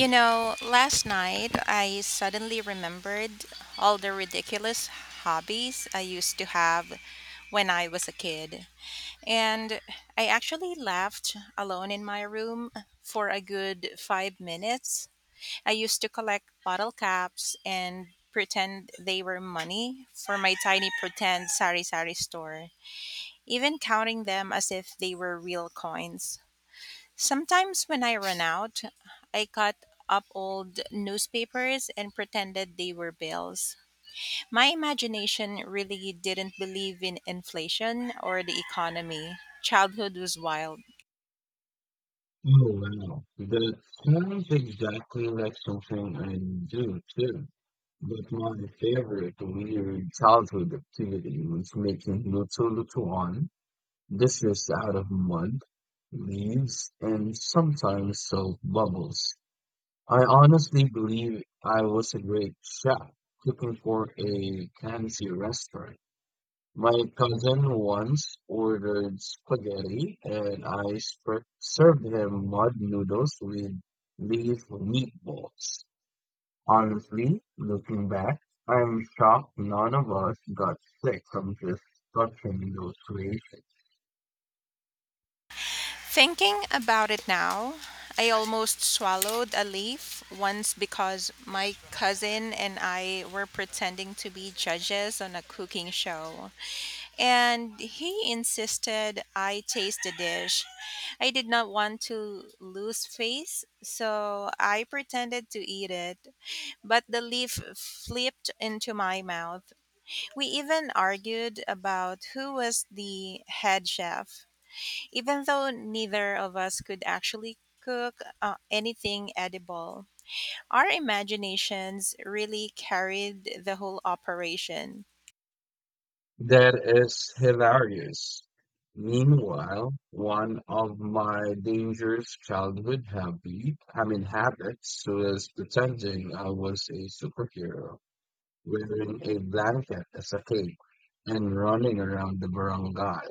Oh know, last night I suddenly remembered all the ridiculous hobbies I used to have when I was a kid. And I actually laughed alone in my room for a good 5 minutes. I used to collect bottle caps and pretend they were money for my tiny pretend sari sari store, even counting them as if they were real coins. Sometimes when I ran out, I cut up old newspapers and pretended they were bills. My imagination really didn't believe in inflation or the economy. Childhood was wild. wow, that sounds exactly like something I do too. But my favorite weird childhood activity was making little one dishes out of mud, leaves, and sometimes soap bubbles. I honestly believe I was a great chef cooking for a fancy restaurant. My cousin once ordered spaghetti and I served him mud noodles with leaf meatballs. Honestly, looking back, I'm shocked none of us got sick from just touching those creations. Thinking about it now, I almost swallowed a leaf once because my cousin and I were pretending to be judges on a cooking show, and he insisted I taste the dish. I did not want to lose face, so I pretended to eat it, but the leaf flipped into my mouth. We even argued about who was the head chef even though neither of us could actually cook anything edible. Our imaginations really carried the whole operation. That is hilarious. Meanwhile, one of my dangerous childhood habit, I mean habits, was pretending I was a superhero, wearing a blanket as a cape and running around the barangay.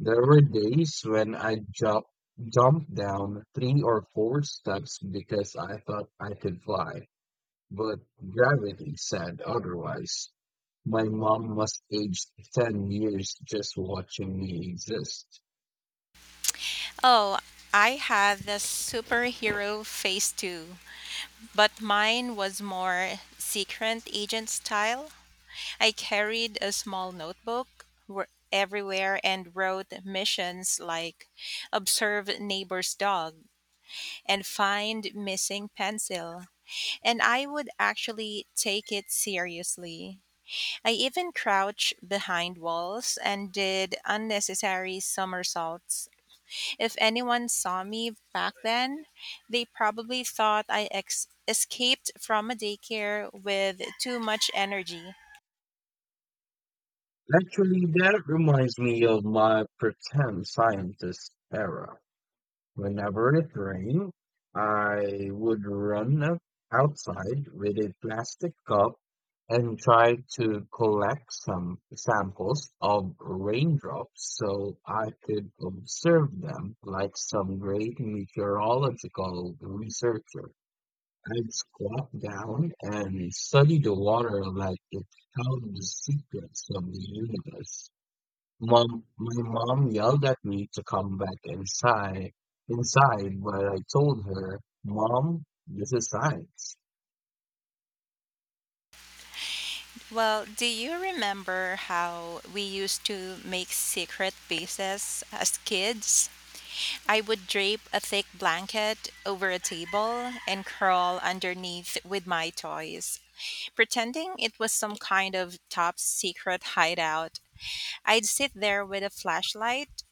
There were days when I jumped down three or four steps because I thought I could fly, but gravity said otherwise. My mom must age 10 years just watching me exist. Oh, I had the superhero face too, but mine was more secret agent style. I carried a small notebook everywhere and wrote missions like observe neighbor's dog and find missing pencil. And I would actually take it seriously. I even crouched behind walls and did unnecessary somersaults. If anyone saw me back then, they probably thought I escaped from a daycare with too much energy. Actually, that reminds me of my pretend scientist era. Whenever it rained, I would run up outside with a plastic cup and try to collect some samples of raindrops so I could observe them like some great meteorological researcher. I'd squat down and study the water like it held the secrets of the universe. Mom, my mom yelled at me to come back inside, but I told her, Mom, this is science. Well, do you remember how we used to make secret bases as kids? I would drape a thick blanket over a table and crawl underneath with my toys, pretending it was some kind of top secret hideout. I'd sit there with a flashlight,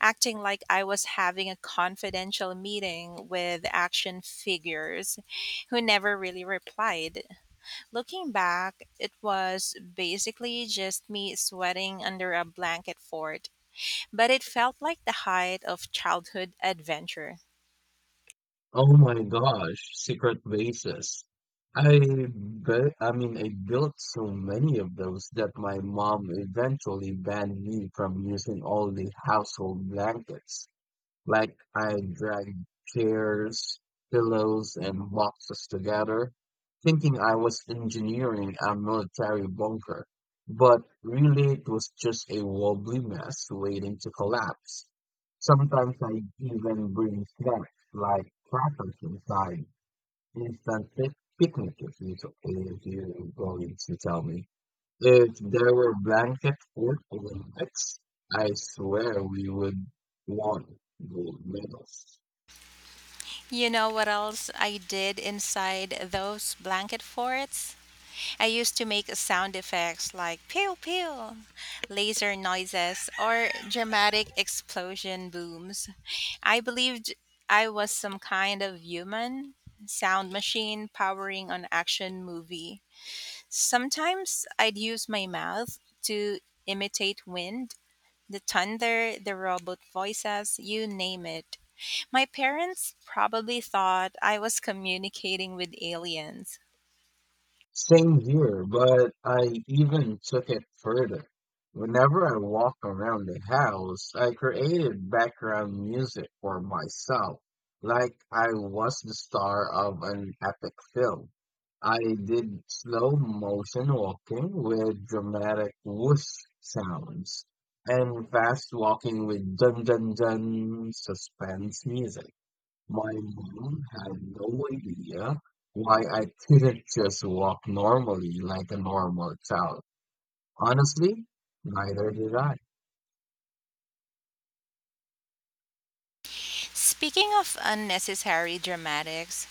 acting like I was having a confidential meeting with action figures who never really replied. Looking back, it was basically just me sweating under a blanket fort, but it felt like the height of childhood adventure. Oh my gosh, secret bases. I bet, I mean, I built so many of those that my mom eventually banned me from using all the household blankets. Like I dragged chairs, pillows, and boxes together, thinking I was engineering a military bunker. But really, it was just a wobbly mess waiting to collapse. Sometimes I even bring snacks like crackers inside, instant picnic if if you're going to tell me. If there were blanket food Olympics, I swear we would want gold medals. You know what else I did inside those blanket forts? I used to make sound effects like pew pew, laser noises, or dramatic explosion booms. I believed I was some kind of human sound machine powering an action movie. Sometimes I'd use my mouth to imitate wind, the thunder, the robot voices, you name it. My parents probably thought I was communicating with aliens. Same here, but I even took it further. Whenever I walk around the house, I created background music for myself, like I was the star of an epic film. I did slow motion walking with dramatic whoosh sounds and fast walking with dun dun dun suspense music. My mom had no idea why I couldn't just walk normally like a normal child. Honestly, neither did I. Speaking of unnecessary dramatics,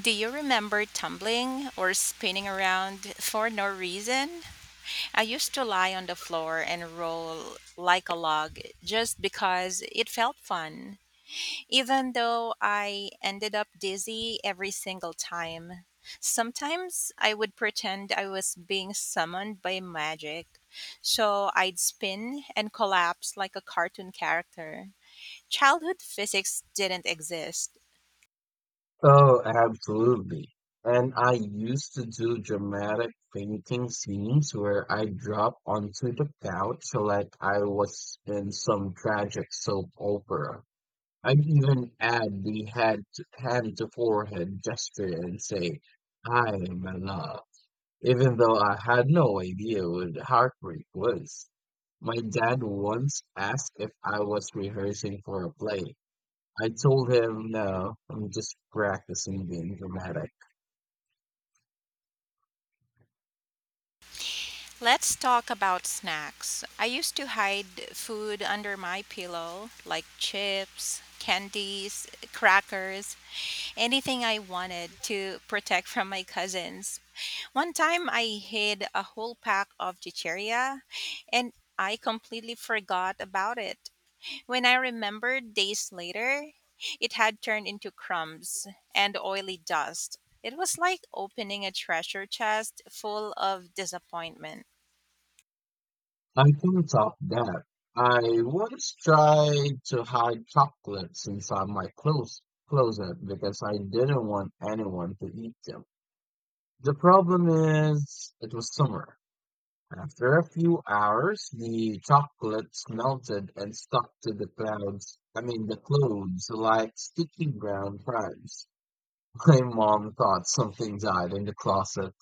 do you remember tumbling or spinning around for no reason? I used to lie on the floor and roll like a log just because it felt fun, even though I ended up dizzy every single time. Sometimes I would pretend I was being summoned by magic, so I'd spin and collapse like a cartoon character. Childhood physics didn't exist. Oh, absolutely. And I used to do dramatic fainting scenes where I drop onto the couch like I was in some tragic soap opera. I'd even add the head to, hand to forehead gesture and say, "Hi, my love." even though I had no idea what heartbreak was. My dad once asked if I was rehearsing for a play. I told him, no, I'm just practicing being dramatic. Let's talk about snacks. I used to hide food under my pillow, like chips, candies, crackers, anything I wanted to protect from my cousins. One time I hid a whole pack of chicheria and I completely forgot about it. When I remembered days later, it had turned into crumbs and oily dust. It was like opening a treasure chest full of disappointment. I can top that. I once tried to hide chocolates inside my clothes closet because I didn't want anyone to eat them. The problem is, it was summer After a few hours, the chocolates melted and stuck to the clouds, I mean, the clothes like sticky brown crumbs. My mom thought something died in the closet.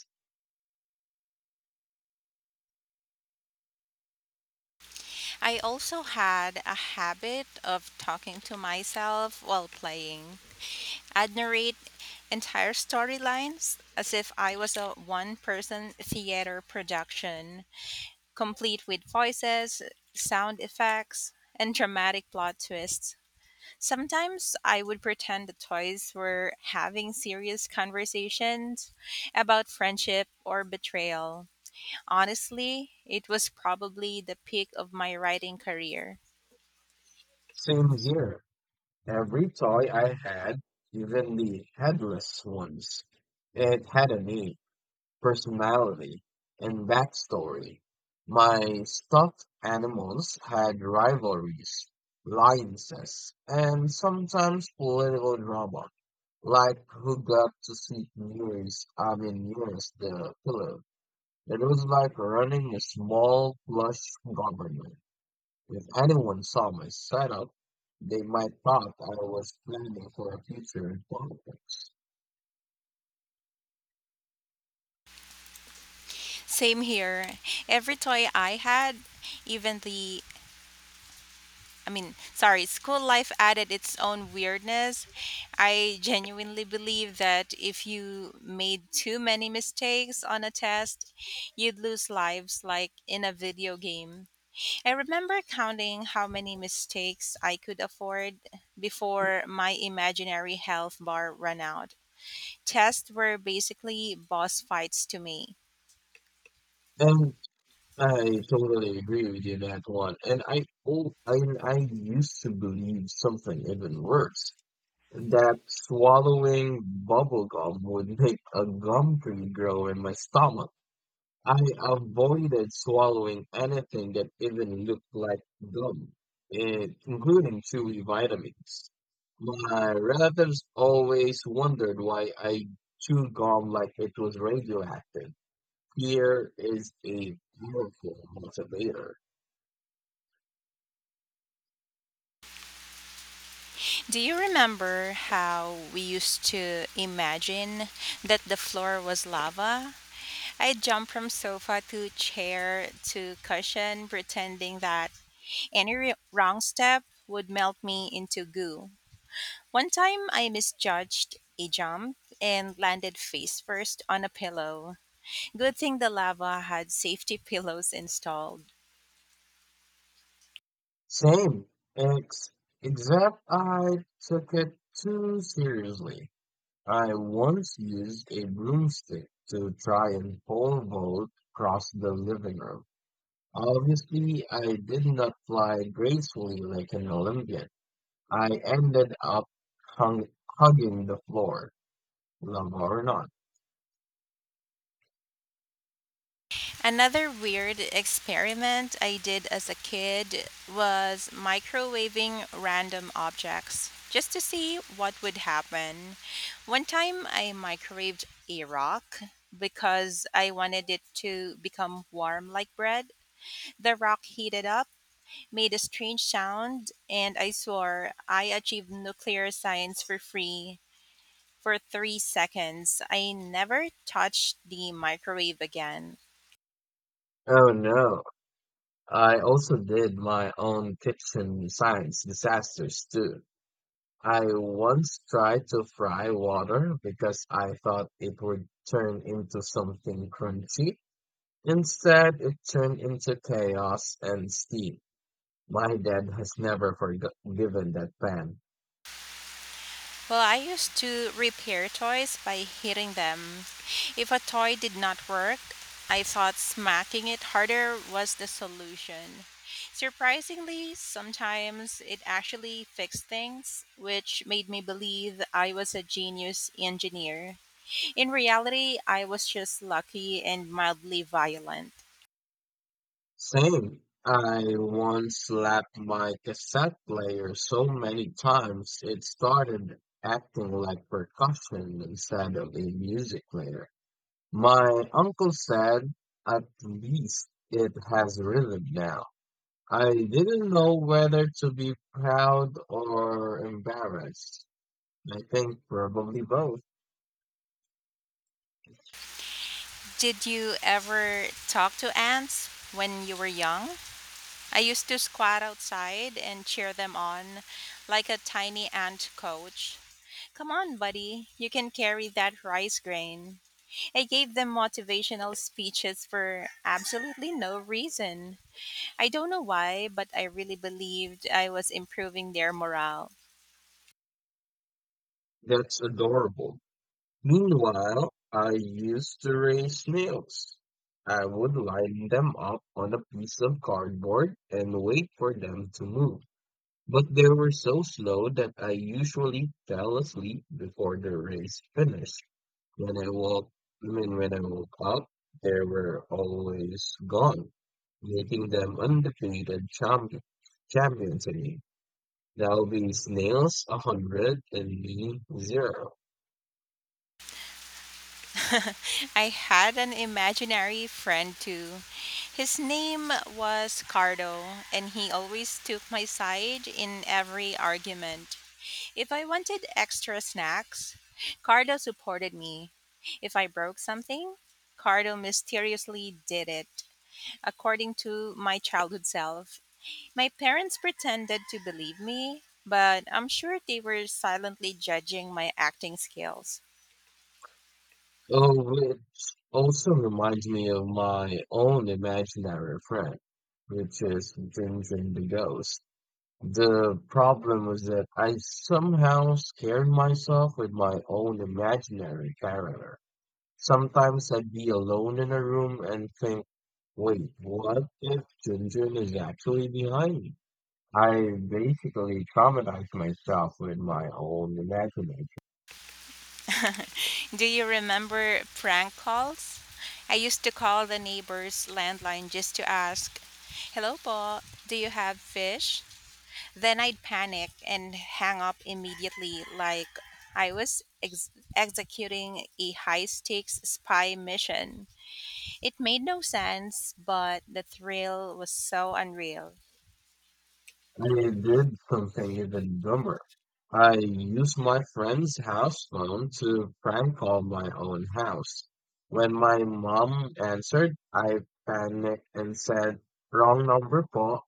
I also had a habit of talking to myself while playing. I'd narrate entire storylines as if I was a one person theater production, complete with voices, sound effects, and dramatic plot twists. Sometimes I would pretend the toys were having serious conversations about friendship or betrayal. Honestly, it was probably the peak of my writing career. Same here. Every toy I had, even the headless ones, it had a name. Personality and backstory. My stuffed animals had rivalries, alliances, and sometimes political drama, like who got to sit nearest, I mean, nearest the pillow. It was like running a small, plush government. If anyone saw my setup, they might thought I was planning for a future in politics. Same here. Every toy I had, even the I mean, sorry, school life added its own weirdness. I genuinely believe that if you made too many mistakes on a test, you'd lose lives like in a video game. I remember counting how many mistakes I could afford before my imaginary health bar ran out. Tests were basically boss fights to me. And I totally agree with you on that one. And I oh, I used to believe something even worse, that swallowing bubble gum would make a gum tree grow in my stomach. I avoided swallowing anything that even looked like gum, including chewy vitamins. My relatives always wondered why I chewed gum like it was radioactive. Fear is a powerful motivator. Do you remember how we used to imagine that the floor was lava? I'd jump from sofa to chair to cushion, pretending that any wrong step would melt me into goo. One time I misjudged a jump and landed face first on a pillow. Good thing the lava had safety pillows installed. Same, ex except I took it too seriously. I once used a broomstick to try and pole vault across the living room. Obviously, I did not fly gracefully like an Olympian. I ended up hung, hugging the floor, love or not. Another weird experiment I did as a kid was microwaving random objects just to see what would happen. One time I microwaved a rock because I wanted it to become warm like bread. The rock heated up, made a strange sound, and I swore I achieved nuclear science for free. For 3 seconds, I never touched the microwave again. Oh no, I also did my own kitchen science disasters too. I once tried to fry water because I thought it would turn into something crunchy. Instead, it turned into chaos and steam. My dad has never forgiven that pan. Well, I used to repair toys by hitting them. If a toy did not work, I thought smacking it harder was the solution. Surprisingly, sometimes it actually fixed things, which made me believe I was a genius engineer. In reality, I was just lucky and mildly violent. Same. I once slapped my cassette player so many times it started acting like percussion instead of a music player. My uncle said, at least it has rhythm now. I didn't know whether to be proud or embarrassed. I think probably both. Did you ever talk to ants when you were young? I used to squat outside and cheer them on like a tiny ant coach. Come on, buddy, you can carry that rice grain. I gave them motivational speeches for absolutely no reason. I don't know why, but I really believed I was improving their morale. That's adorable. Meanwhile, I used to raise snails. I would line them up on a piece of cardboard and wait for them to move. But they were so slow that I usually fell asleep before the race finished. When I woke, I mean, when I woke up, they were always gone, making them undefeated champions again. That'll be snails 100 and me zero. I had an imaginary friend too. His name was Cardo, and he always took my side in every argument. If I wanted extra snacks, Cardo supported me. If I broke something, Cardo mysteriously did it, according to my childhood self. My parents pretended to believe me, but I'm sure they were silently judging my acting skills. Oh, which also reminds me of my own imaginary friend, which is Jinjin the ghost. The problem was that I somehow scared myself with my own imaginary character. Sometimes I'd be alone in a room and think, wait, what if Junjun is actually behind me? I basically traumatized myself with my own imagination. Do you remember prank calls? I used to call the neighbor's landline just to ask, Hello, Paul, do you have fish? Then I'd panic and hang up immediately, like I was executing a high stakes spy mission. It made no sense, but the thrill was so unreal. I did something even dumber. I used my friend's house phone to prank call my own house. When my mom answered, I panicked and said, wrong number po.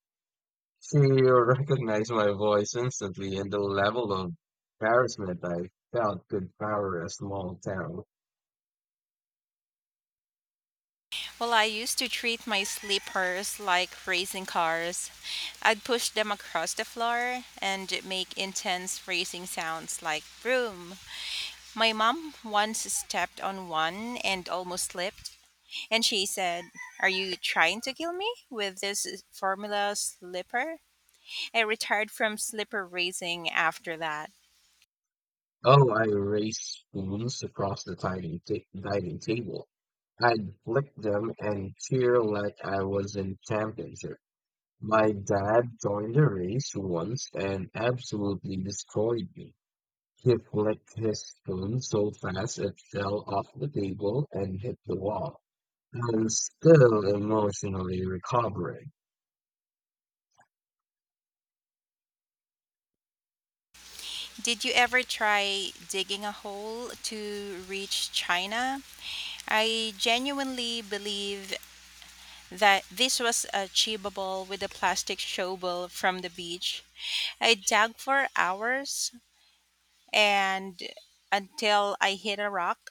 She recognized my voice instantly, and the level of embarrassment I felt could power a small town. Well, I used to treat my sleepers like racing cars. I'd push them across the floor and make intense racing sounds like vroom. My mom once stepped on one and almost slipped. And she said, Are you trying to kill me with this formula slipper? I retired from slipper racing after that. Oh, I raced spoons across the dining table. I'd flick them and cheer like I was in championship. My dad joined the race once and absolutely destroyed me. He flicked his spoon so fast it fell off the table and hit the wall. I'm still emotionally recovering. Did you ever try digging a hole to reach China? I genuinely believe that this was achievable with a plastic shovel from the beach. I dug for hours and until I hit a rock.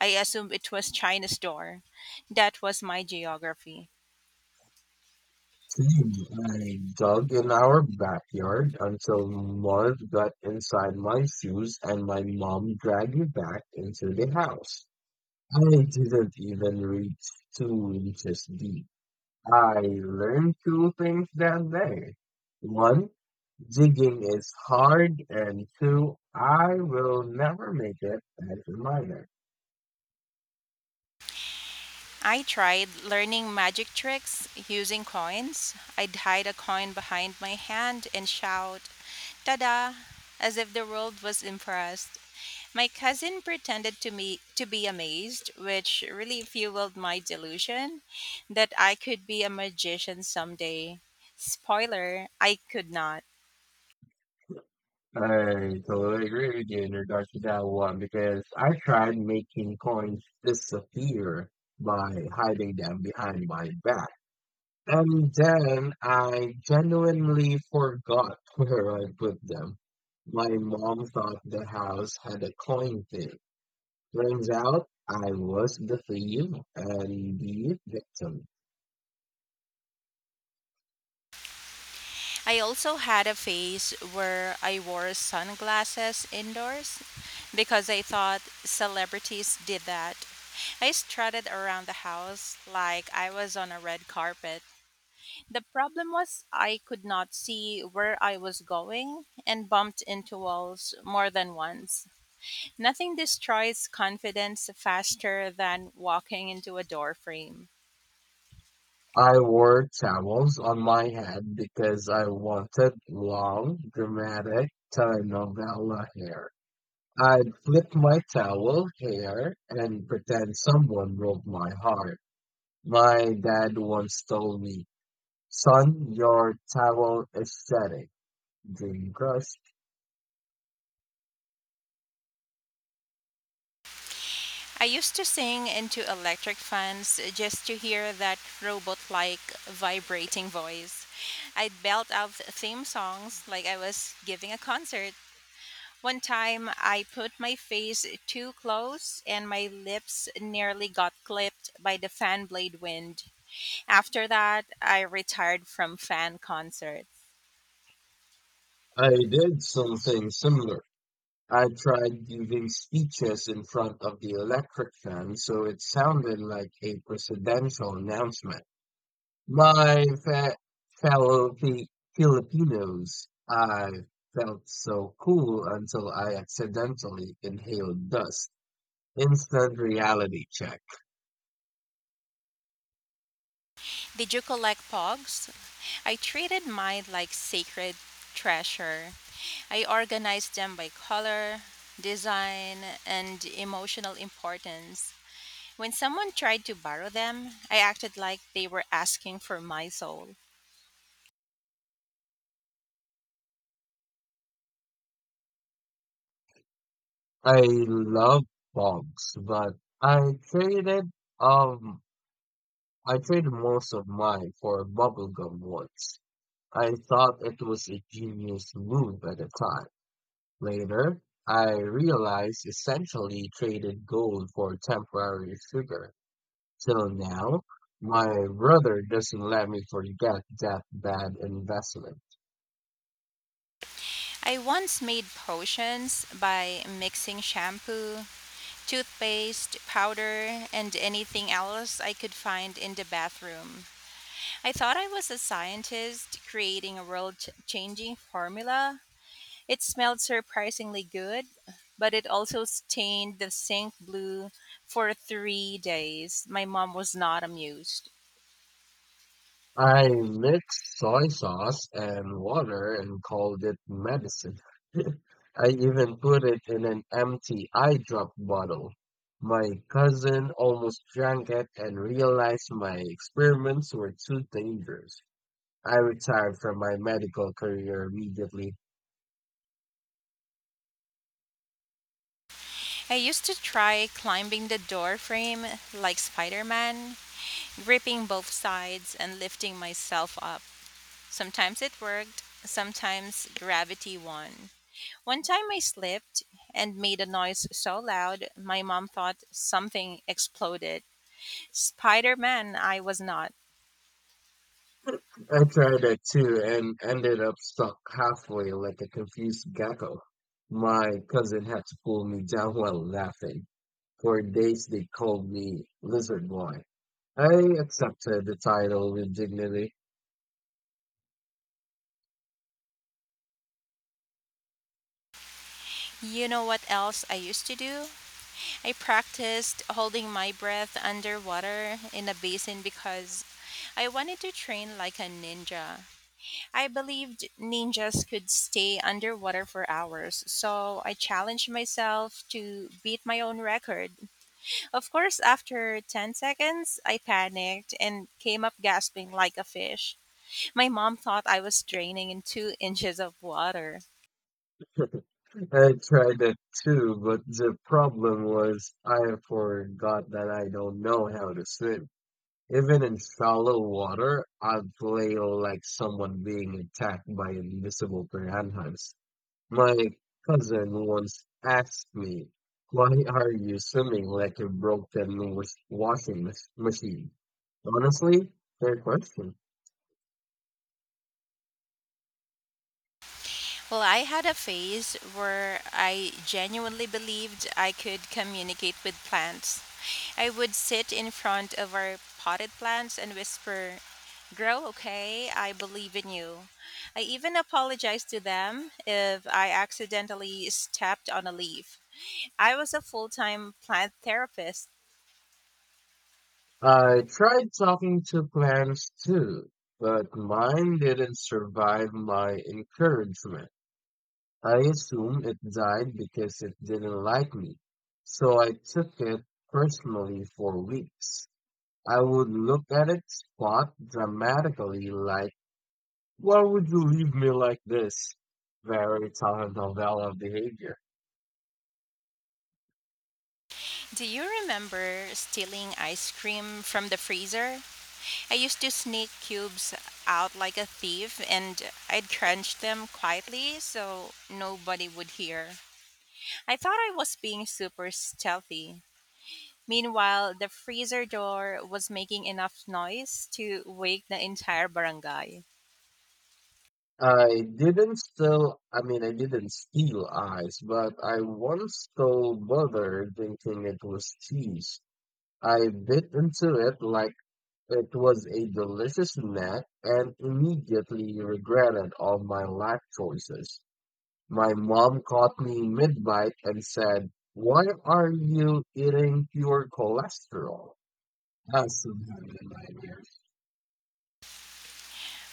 I assumed it was China's door. That was my geography. Same. I dug in our backyard until mud got inside my shoes and my mom dragged me back into the house. I didn't even reach 2 inches deep. I learned two things that day. One, digging is hard, and two, I will never make it as a miner. I tried learning magic tricks using coins. I'd hide a coin behind my hand and shout, "Tada!" as if the world was impressed. My cousin pretended to me to be amazed, which really fueled my delusion that I could be a magician someday. Spoiler, I could not. I totally agree with you in regards to that one because I tried making coins disappear by hiding them behind my back. And then I genuinely forgot where I put them. My mom thought the house had a coin thing. Turns out I was the thief and the victim. I also had a phase where I wore sunglasses indoors because I thought celebrities did that. I strutted around the house like I was on a red carpet. The problem was I could not see where I was going and bumped into walls more than once. Nothing destroys confidence faster than walking into a door frame. I wore towels on my head because I wanted long, dramatic telenovela hair. I'd flip my towel hair and pretend someone broke my heart. My dad once told me, Son, your towel aesthetic, dream crush. I used to sing into electric fans just to hear that robot like vibrating voice. I'd belt out theme songs like I was giving a concert. One time I put my face too close and my lips nearly got clipped by the fan blade wind. After that, I retired from fan concerts. I did something similar. I tried giving speeches in front of the electric fan so it sounded like a presidential announcement. My fe fellow Fi Filipinos, I felt so cool until I accidentally inhaled dust. Instant reality check. Did you collect pogs? I treated mine like sacred treasure. I organized them by color, design, and emotional importance. When someone tried to borrow them, I acted like they were asking for my soul. I love bugs, but I traded um I traded most of mine for bubblegum once. I thought it was a genius move at the time. Later, I realized essentially traded gold for temporary sugar. Till now, my brother doesn't let me forget that bad investment. I once made potions by mixing shampoo, toothpaste, powder, and anything else I could find in the bathroom. I thought I was a scientist creating a world changing formula. It smelled surprisingly good, but it also stained the sink blue for 3 days. My mom was not amused. I mixed soy sauce and water and called it medicine. I even put it in an empty eye drop bottle. My cousin almost drank it and realized my experiments were too dangerous. I retired from my medical career immediately. I used to try climbing the door frame like Spider Man, gripping both sides and lifting myself up. Sometimes it worked, sometimes gravity won. One time I slipped and made a noise so loud my mom thought something exploded. Spider Man, I was not. I tried that too and ended up stuck halfway like a confused gecko. My cousin had to pull me down while laughing. For days they called me Lizard Boy. I accepted the title with dignity. You know what else I used to do? I practiced holding my breath underwater in a basin because I wanted to train like a ninja. I believed ninjas could stay underwater for hours, so I challenged myself to beat my own record. Of course, after 10 seconds, I panicked and came up gasping like a fish. My mom thought I was draining in two inches of water. I tried that too, but the problem was I forgot that I don't know how to swim. Even in shallow water, I'd play like someone being attacked by invisible piranhas. My cousin once asked me, Why are you swimming like a broken washing machine? Honestly, fair question. Well, I had a phase where I genuinely believed I could communicate with plants. I would sit in front of our potted plants and whisper, Grow, okay? I believe in you. I even apologized to them if I accidentally stepped on a leaf. I was a full time plant therapist. I tried talking to plants too, but mine didn't survive my encouragement. I assume it died because it didn't like me, so I took it personally for weeks. I would look at its spot dramatically like, Why would you leave me like this? Very telenovela behavior. Do you remember stealing ice cream from the freezer? I used to sneak cubes out like a thief and I'd crunch them quietly so nobody would hear. I thought I was being super stealthy. Meanwhile, the freezer door was making enough noise to wake the entire barangay. I didn't steal, I mean, I didn't steal eyes, but I once stole butter thinking it was cheese. I bit into it like it was a delicious snack and immediately regretted all my life choices. My mom caught me mid-bite and said, Why are you eating pure cholesterol? That's a bad.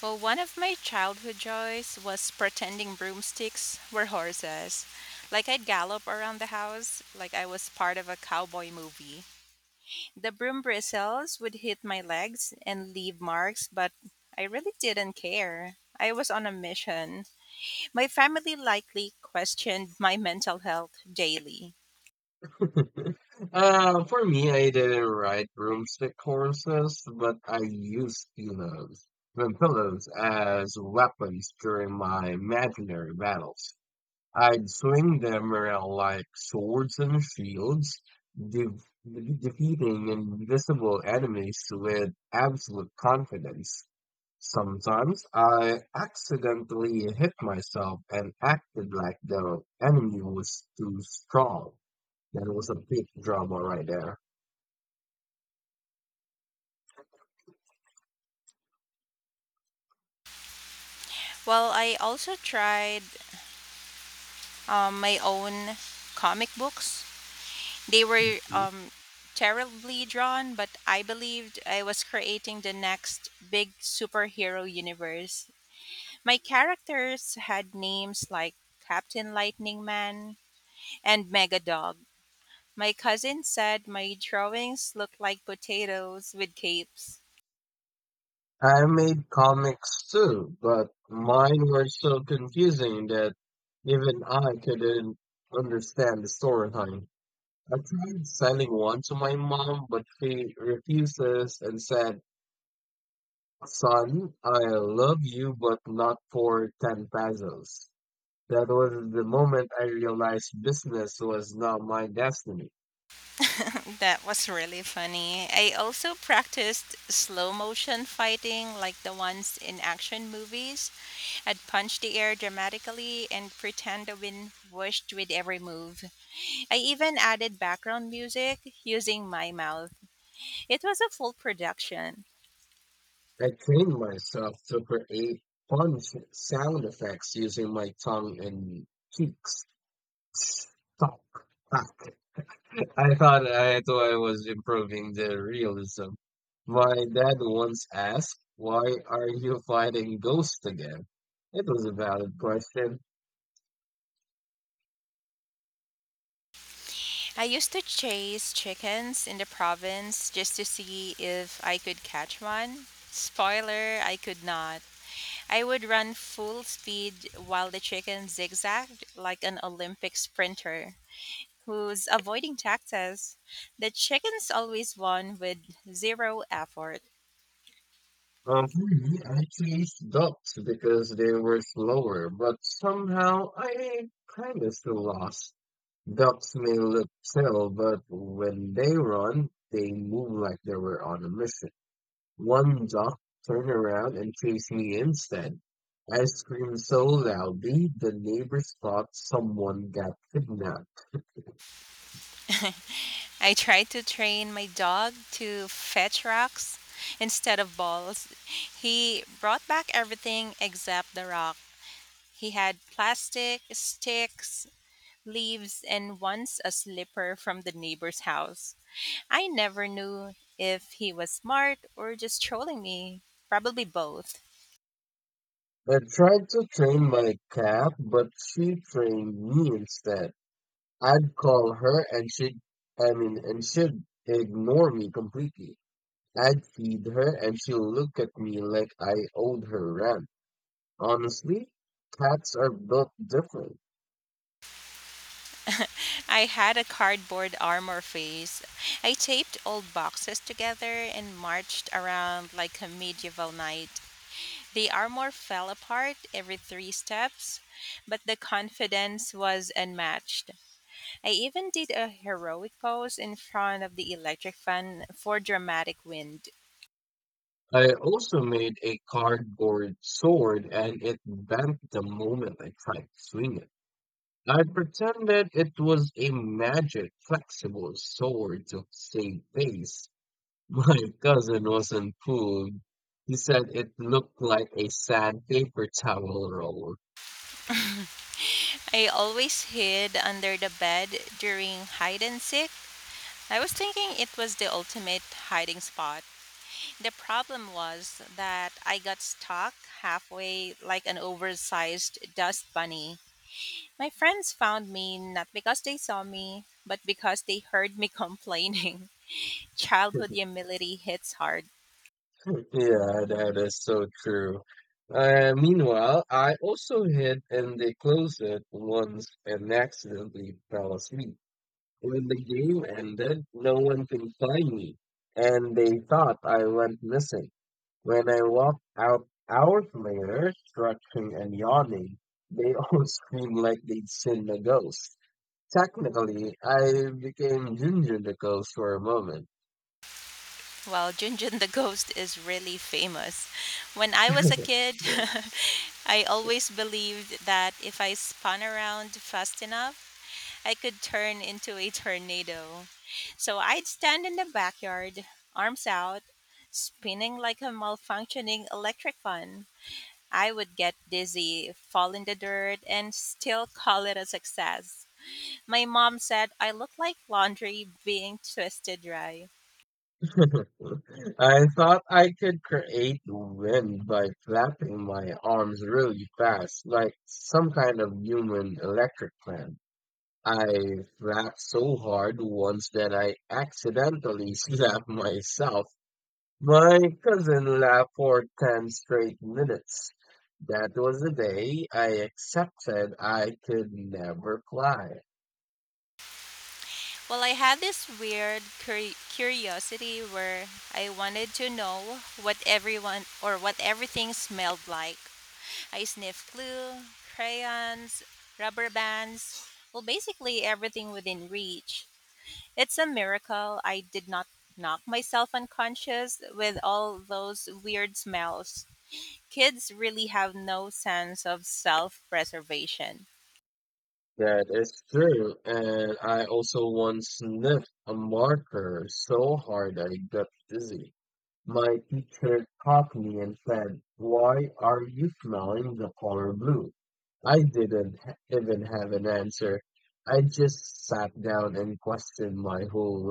Well, one of my childhood joys was pretending broomsticks were horses. Like I'd gallop around the house like I was part of a cowboy movie. The broom bristles would hit my legs and leave marks, but I really didn't care. I was on a mission. My family likely questioned my mental health daily. For me, I didn't ride broomstick horses, but I used pillows and pillows as weapons during my imaginary battles. I'd swing them around like swords and shields, de defeating invisible enemies with absolute confidence. Sometimes I accidentally hit myself and acted like the enemy was too strong. That was a big drama right there. Well, I also tried my own comic books. They were Mhm. Terribly drawn, but I believed I was creating the next big superhero universe. My characters had names like Captain Lightning Man and Mega Dog. My cousin said my drawings looked like potatoes with capes. I made comics too, but mine were so confusing that even I couldn't understand the storyline. I tried selling one to my mom, but she refuses and said, Son, I love you, but not for 10 pesos. That was the moment I realized business was not my destiny. That was really funny. I also practiced slow motion fighting like the ones in action movies. I'd punch the air dramatically and pretend the wind whooshed with every move. I even added background music using my mouth. It was a full production. I trained myself to create fun sound effects using my tongue and cheeks. Talk, talk. I thought I was improving the realism. My dad once asked, "Why are you fighting ghosts again?" It was a valid question. I used to chase chickens in the province just to see if I could catch one. Spoiler, I could not. I would run full speed while the chicken zigzagged like an Olympic sprinter who's avoiding taxes. The chickens always won with zero effort. For me, I chased ducks because they were slower, but somehow I kind of still lost. Ducks may look chill, but when they run, they move like they were on a mission. One duck turned around and chased me instead. I screamed so loudly, the neighbors thought someone got kidnapped. I tried to train my dog to fetch rocks instead of balls. He brought back everything except the rock. He had plastic, sticks, leaves, and once a slipper from the neighbor's house. I never knew if he was smart or just trolling me. Probably both. I tried to train my cat, but she trained me instead. I'd call her and and she'd ignore me completely. I'd feed her and she'd look at me like I owed her ransom. Honestly, cats are built different. I had a cardboard armor face. I taped old boxes together and marched around like a medieval knight. The armor fell apart every three steps, but the confidence was unmatched. I even did a heroic pose in front of the electric fan for dramatic wind. I also made a cardboard sword and it bent the moment I tried to swing it. I pretended it was a magic flexible sword to save face. My cousin wasn't fooled. He said it looked like a sandpaper towel roll. I always hid under the bed during hide and seek. I was thinking it was the ultimate hiding spot. The problem was that I got stuck halfway like an oversized dust bunny. My friends found me not because they saw me, but because they heard me complaining. Childhood humility hits hard. Yeah, that is so true. Meanwhile, I also hid in the closet once and accidentally fell asleep. When the game ended, no one could find me, and they thought I went missing. When I walked out hours later, stretching and yawning, they all screamed like they'd seen a ghost. Technically, I became Junjun the ghost for a moment. Well, Junjun the Ghost is really famous. When I was a kid, I always believed that if I spun around fast enough, I could turn into a tornado. So I'd stand in the backyard, arms out, spinning like a malfunctioning electric fan. I would get dizzy, fall in the dirt, and still call it a success. My mom said I looked like laundry being twisted dry. I thought I could create wind by flapping my arms really fast, like some kind of human electric fan. I flapped so hard once that I accidentally slapped myself. My cousin laughed for 10 straight minutes. That was the day I accepted I could never fly. Well, I had this weird curiosity where I wanted to know what everyone or what everything smelled like. I sniffed glue, crayons, rubber bands, well, basically everything within reach. It's a miracle I did not knock myself unconscious with all those weird smells. Kids really have no sense of self preservation. That is true, and I also once sniffed a marker so hard I got dizzy. My teacher caught me and said, "Why are you smelling the color blue?" I didn't even have an answer. I just sat down and questioned my whole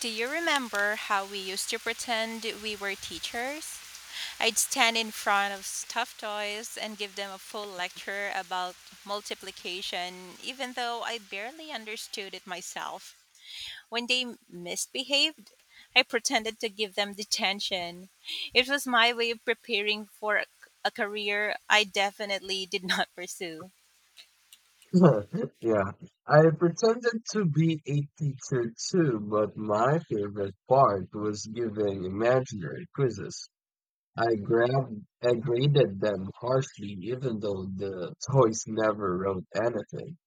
Do you remember how we used to pretend we were teachers? I'd stand in front of stuffed toys and give them a full lecture about multiplication, even though I barely understood it myself. When they misbehaved, I pretended to give them detention. It was my way of preparing for a career I definitely did not pursue. life. Yeah, I pretended to be a teacher too, but my favorite part was giving imaginary quizzes. I graded them harshly, even though the toys never wrote anything.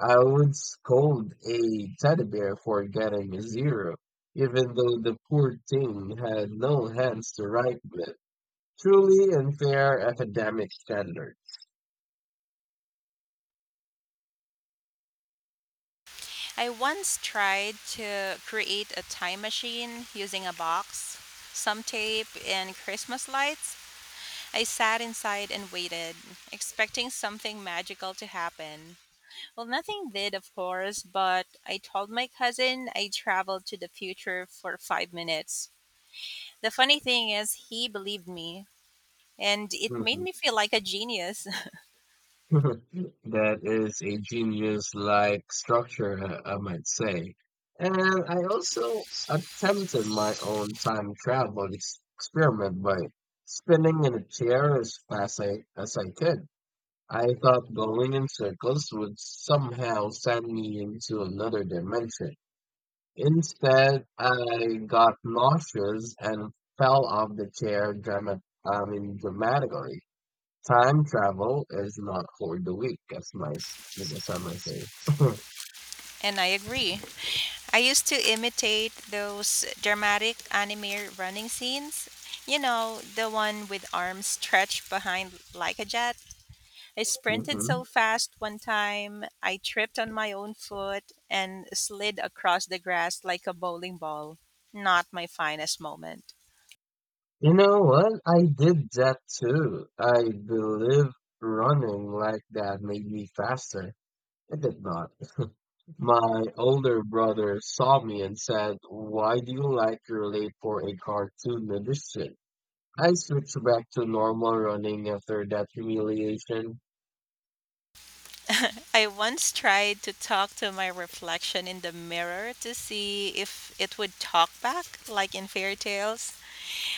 I would scold a teddy bear for getting a zero, even though the poor thing had no hands to write with. Truly unfair academic standards. I once tried to create a time machine using a box, some tape, and Christmas lights. I sat inside and waited, expecting something magical to happen. Well, nothing did, of course, but I told my cousin I traveled to the future for 5 minutes. The funny thing is, he believed me, and it made Mhm. me feel like a genius, That is a genius-like structure, I might say. And I also attempted my own time travel ex experiment by spinning in a chair as as I could. I thought going in circles would somehow send me into another dimension. Instead, I got nauseous and fell off the chair dramatically. Time travel is not for the weak, as some might say. and I agree. I used to imitate those dramatic anime running scenes. You know, the one with arms stretched behind like a jet. I sprinted Hmm. so fast one time, I tripped on my own foot and slid across the grass like a bowling ball. Not my finest moment. You know what? I did that too. I believe running like that made me faster. It did not. My older brother saw me and said, "Why do you like you're late for a cartoon audition?" I switched back to normal running after that humiliation. I once tried to talk to my reflection in the mirror to see if it would talk back, like in fairy tales.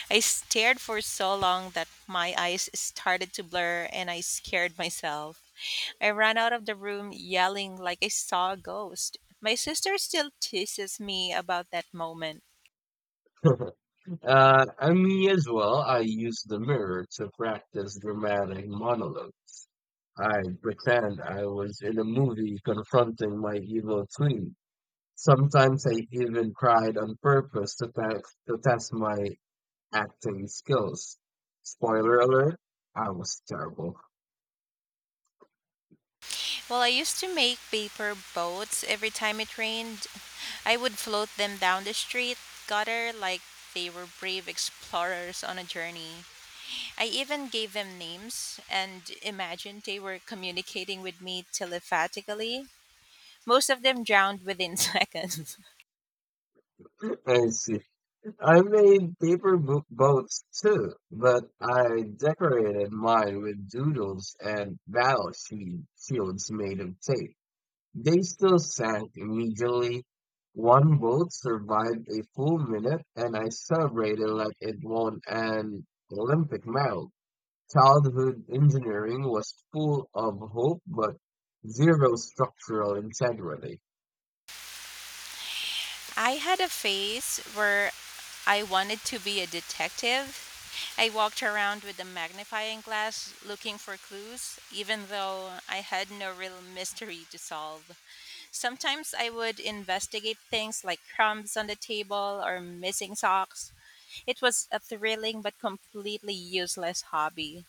I stared for so long that my eyes started to blur and I scared myself. I ran out of the room yelling like I saw a ghost. My sister still teases me about that moment. And me as well. I used the mirror to practice dramatic monologue. I pretend I was in a movie confronting my evil twin. Sometimes I even cried on purpose to test my acting skills. Spoiler alert, I was terrible. Well, I used to make paper boats every time it rained. I would float them down the street gutter like they were brave explorers on a journey. I even gave them names and imagined they were communicating with me telepathically. Most of them drowned within seconds. And see, I made paper boats too, but I decorated mine with doodles and battle shields made of tape. They still sank immediately. One boat survived a full minute, and I celebrated like it won an Olympic medal. Childhood engineering was full of hope, but zero structural integrity. I had a phase where I wanted to be a detective. I walked around with a magnifying glass looking for clues, even though I had no real mystery to solve. Sometimes I would investigate things like crumbs on the table or missing socks. It was a thrilling but completely useless hobby.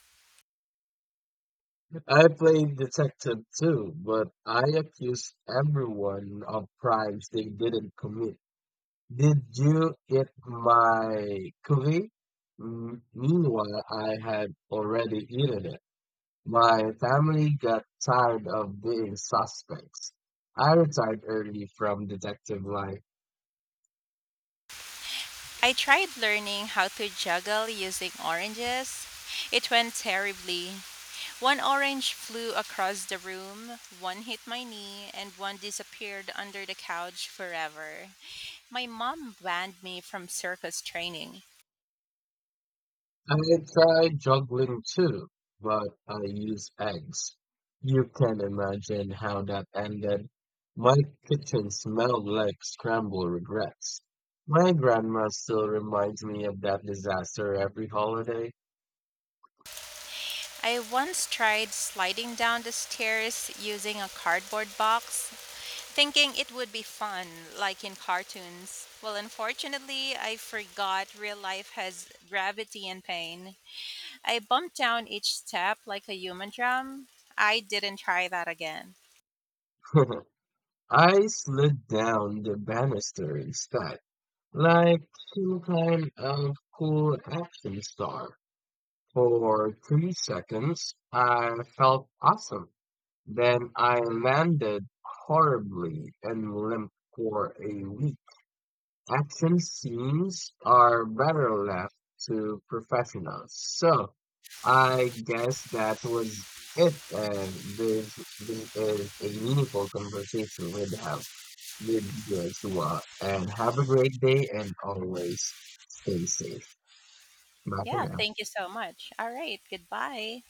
I played detective too, but I accused everyone of crimes they didn't commit. Did you eat my cookie? Meanwhile, I had already eaten it. My family got tired of being suspects. I retired early from detective life. I tried learning how to juggle using oranges. It went terribly. One orange flew across the room, one hit my knee, and one disappeared under the couch forever. My mom banned me from circus training. I tried juggling too, but I used eggs. You can imagine how that ended. My kitchen smelled like scrambled regrets. My grandma still reminds me of that disaster every holiday. I once tried sliding down the stairs using a cardboard box, thinking it would be fun, like in cartoons. Well, unfortunately, I forgot real life has gravity and pain. I bumped down each step like a human drum. I didn't try that again. I slid down the banister instead, like some kind of cool action star. For 3 seconds, I felt awesome. Then I landed horribly and limped for a week. Action scenes are better left to professionals. So I guess that was it. And this is a meaningful conversation we'd have with you as well. And have a great day and always stay safe. Bye for Yeah, now. thank you so much. All right, goodbye.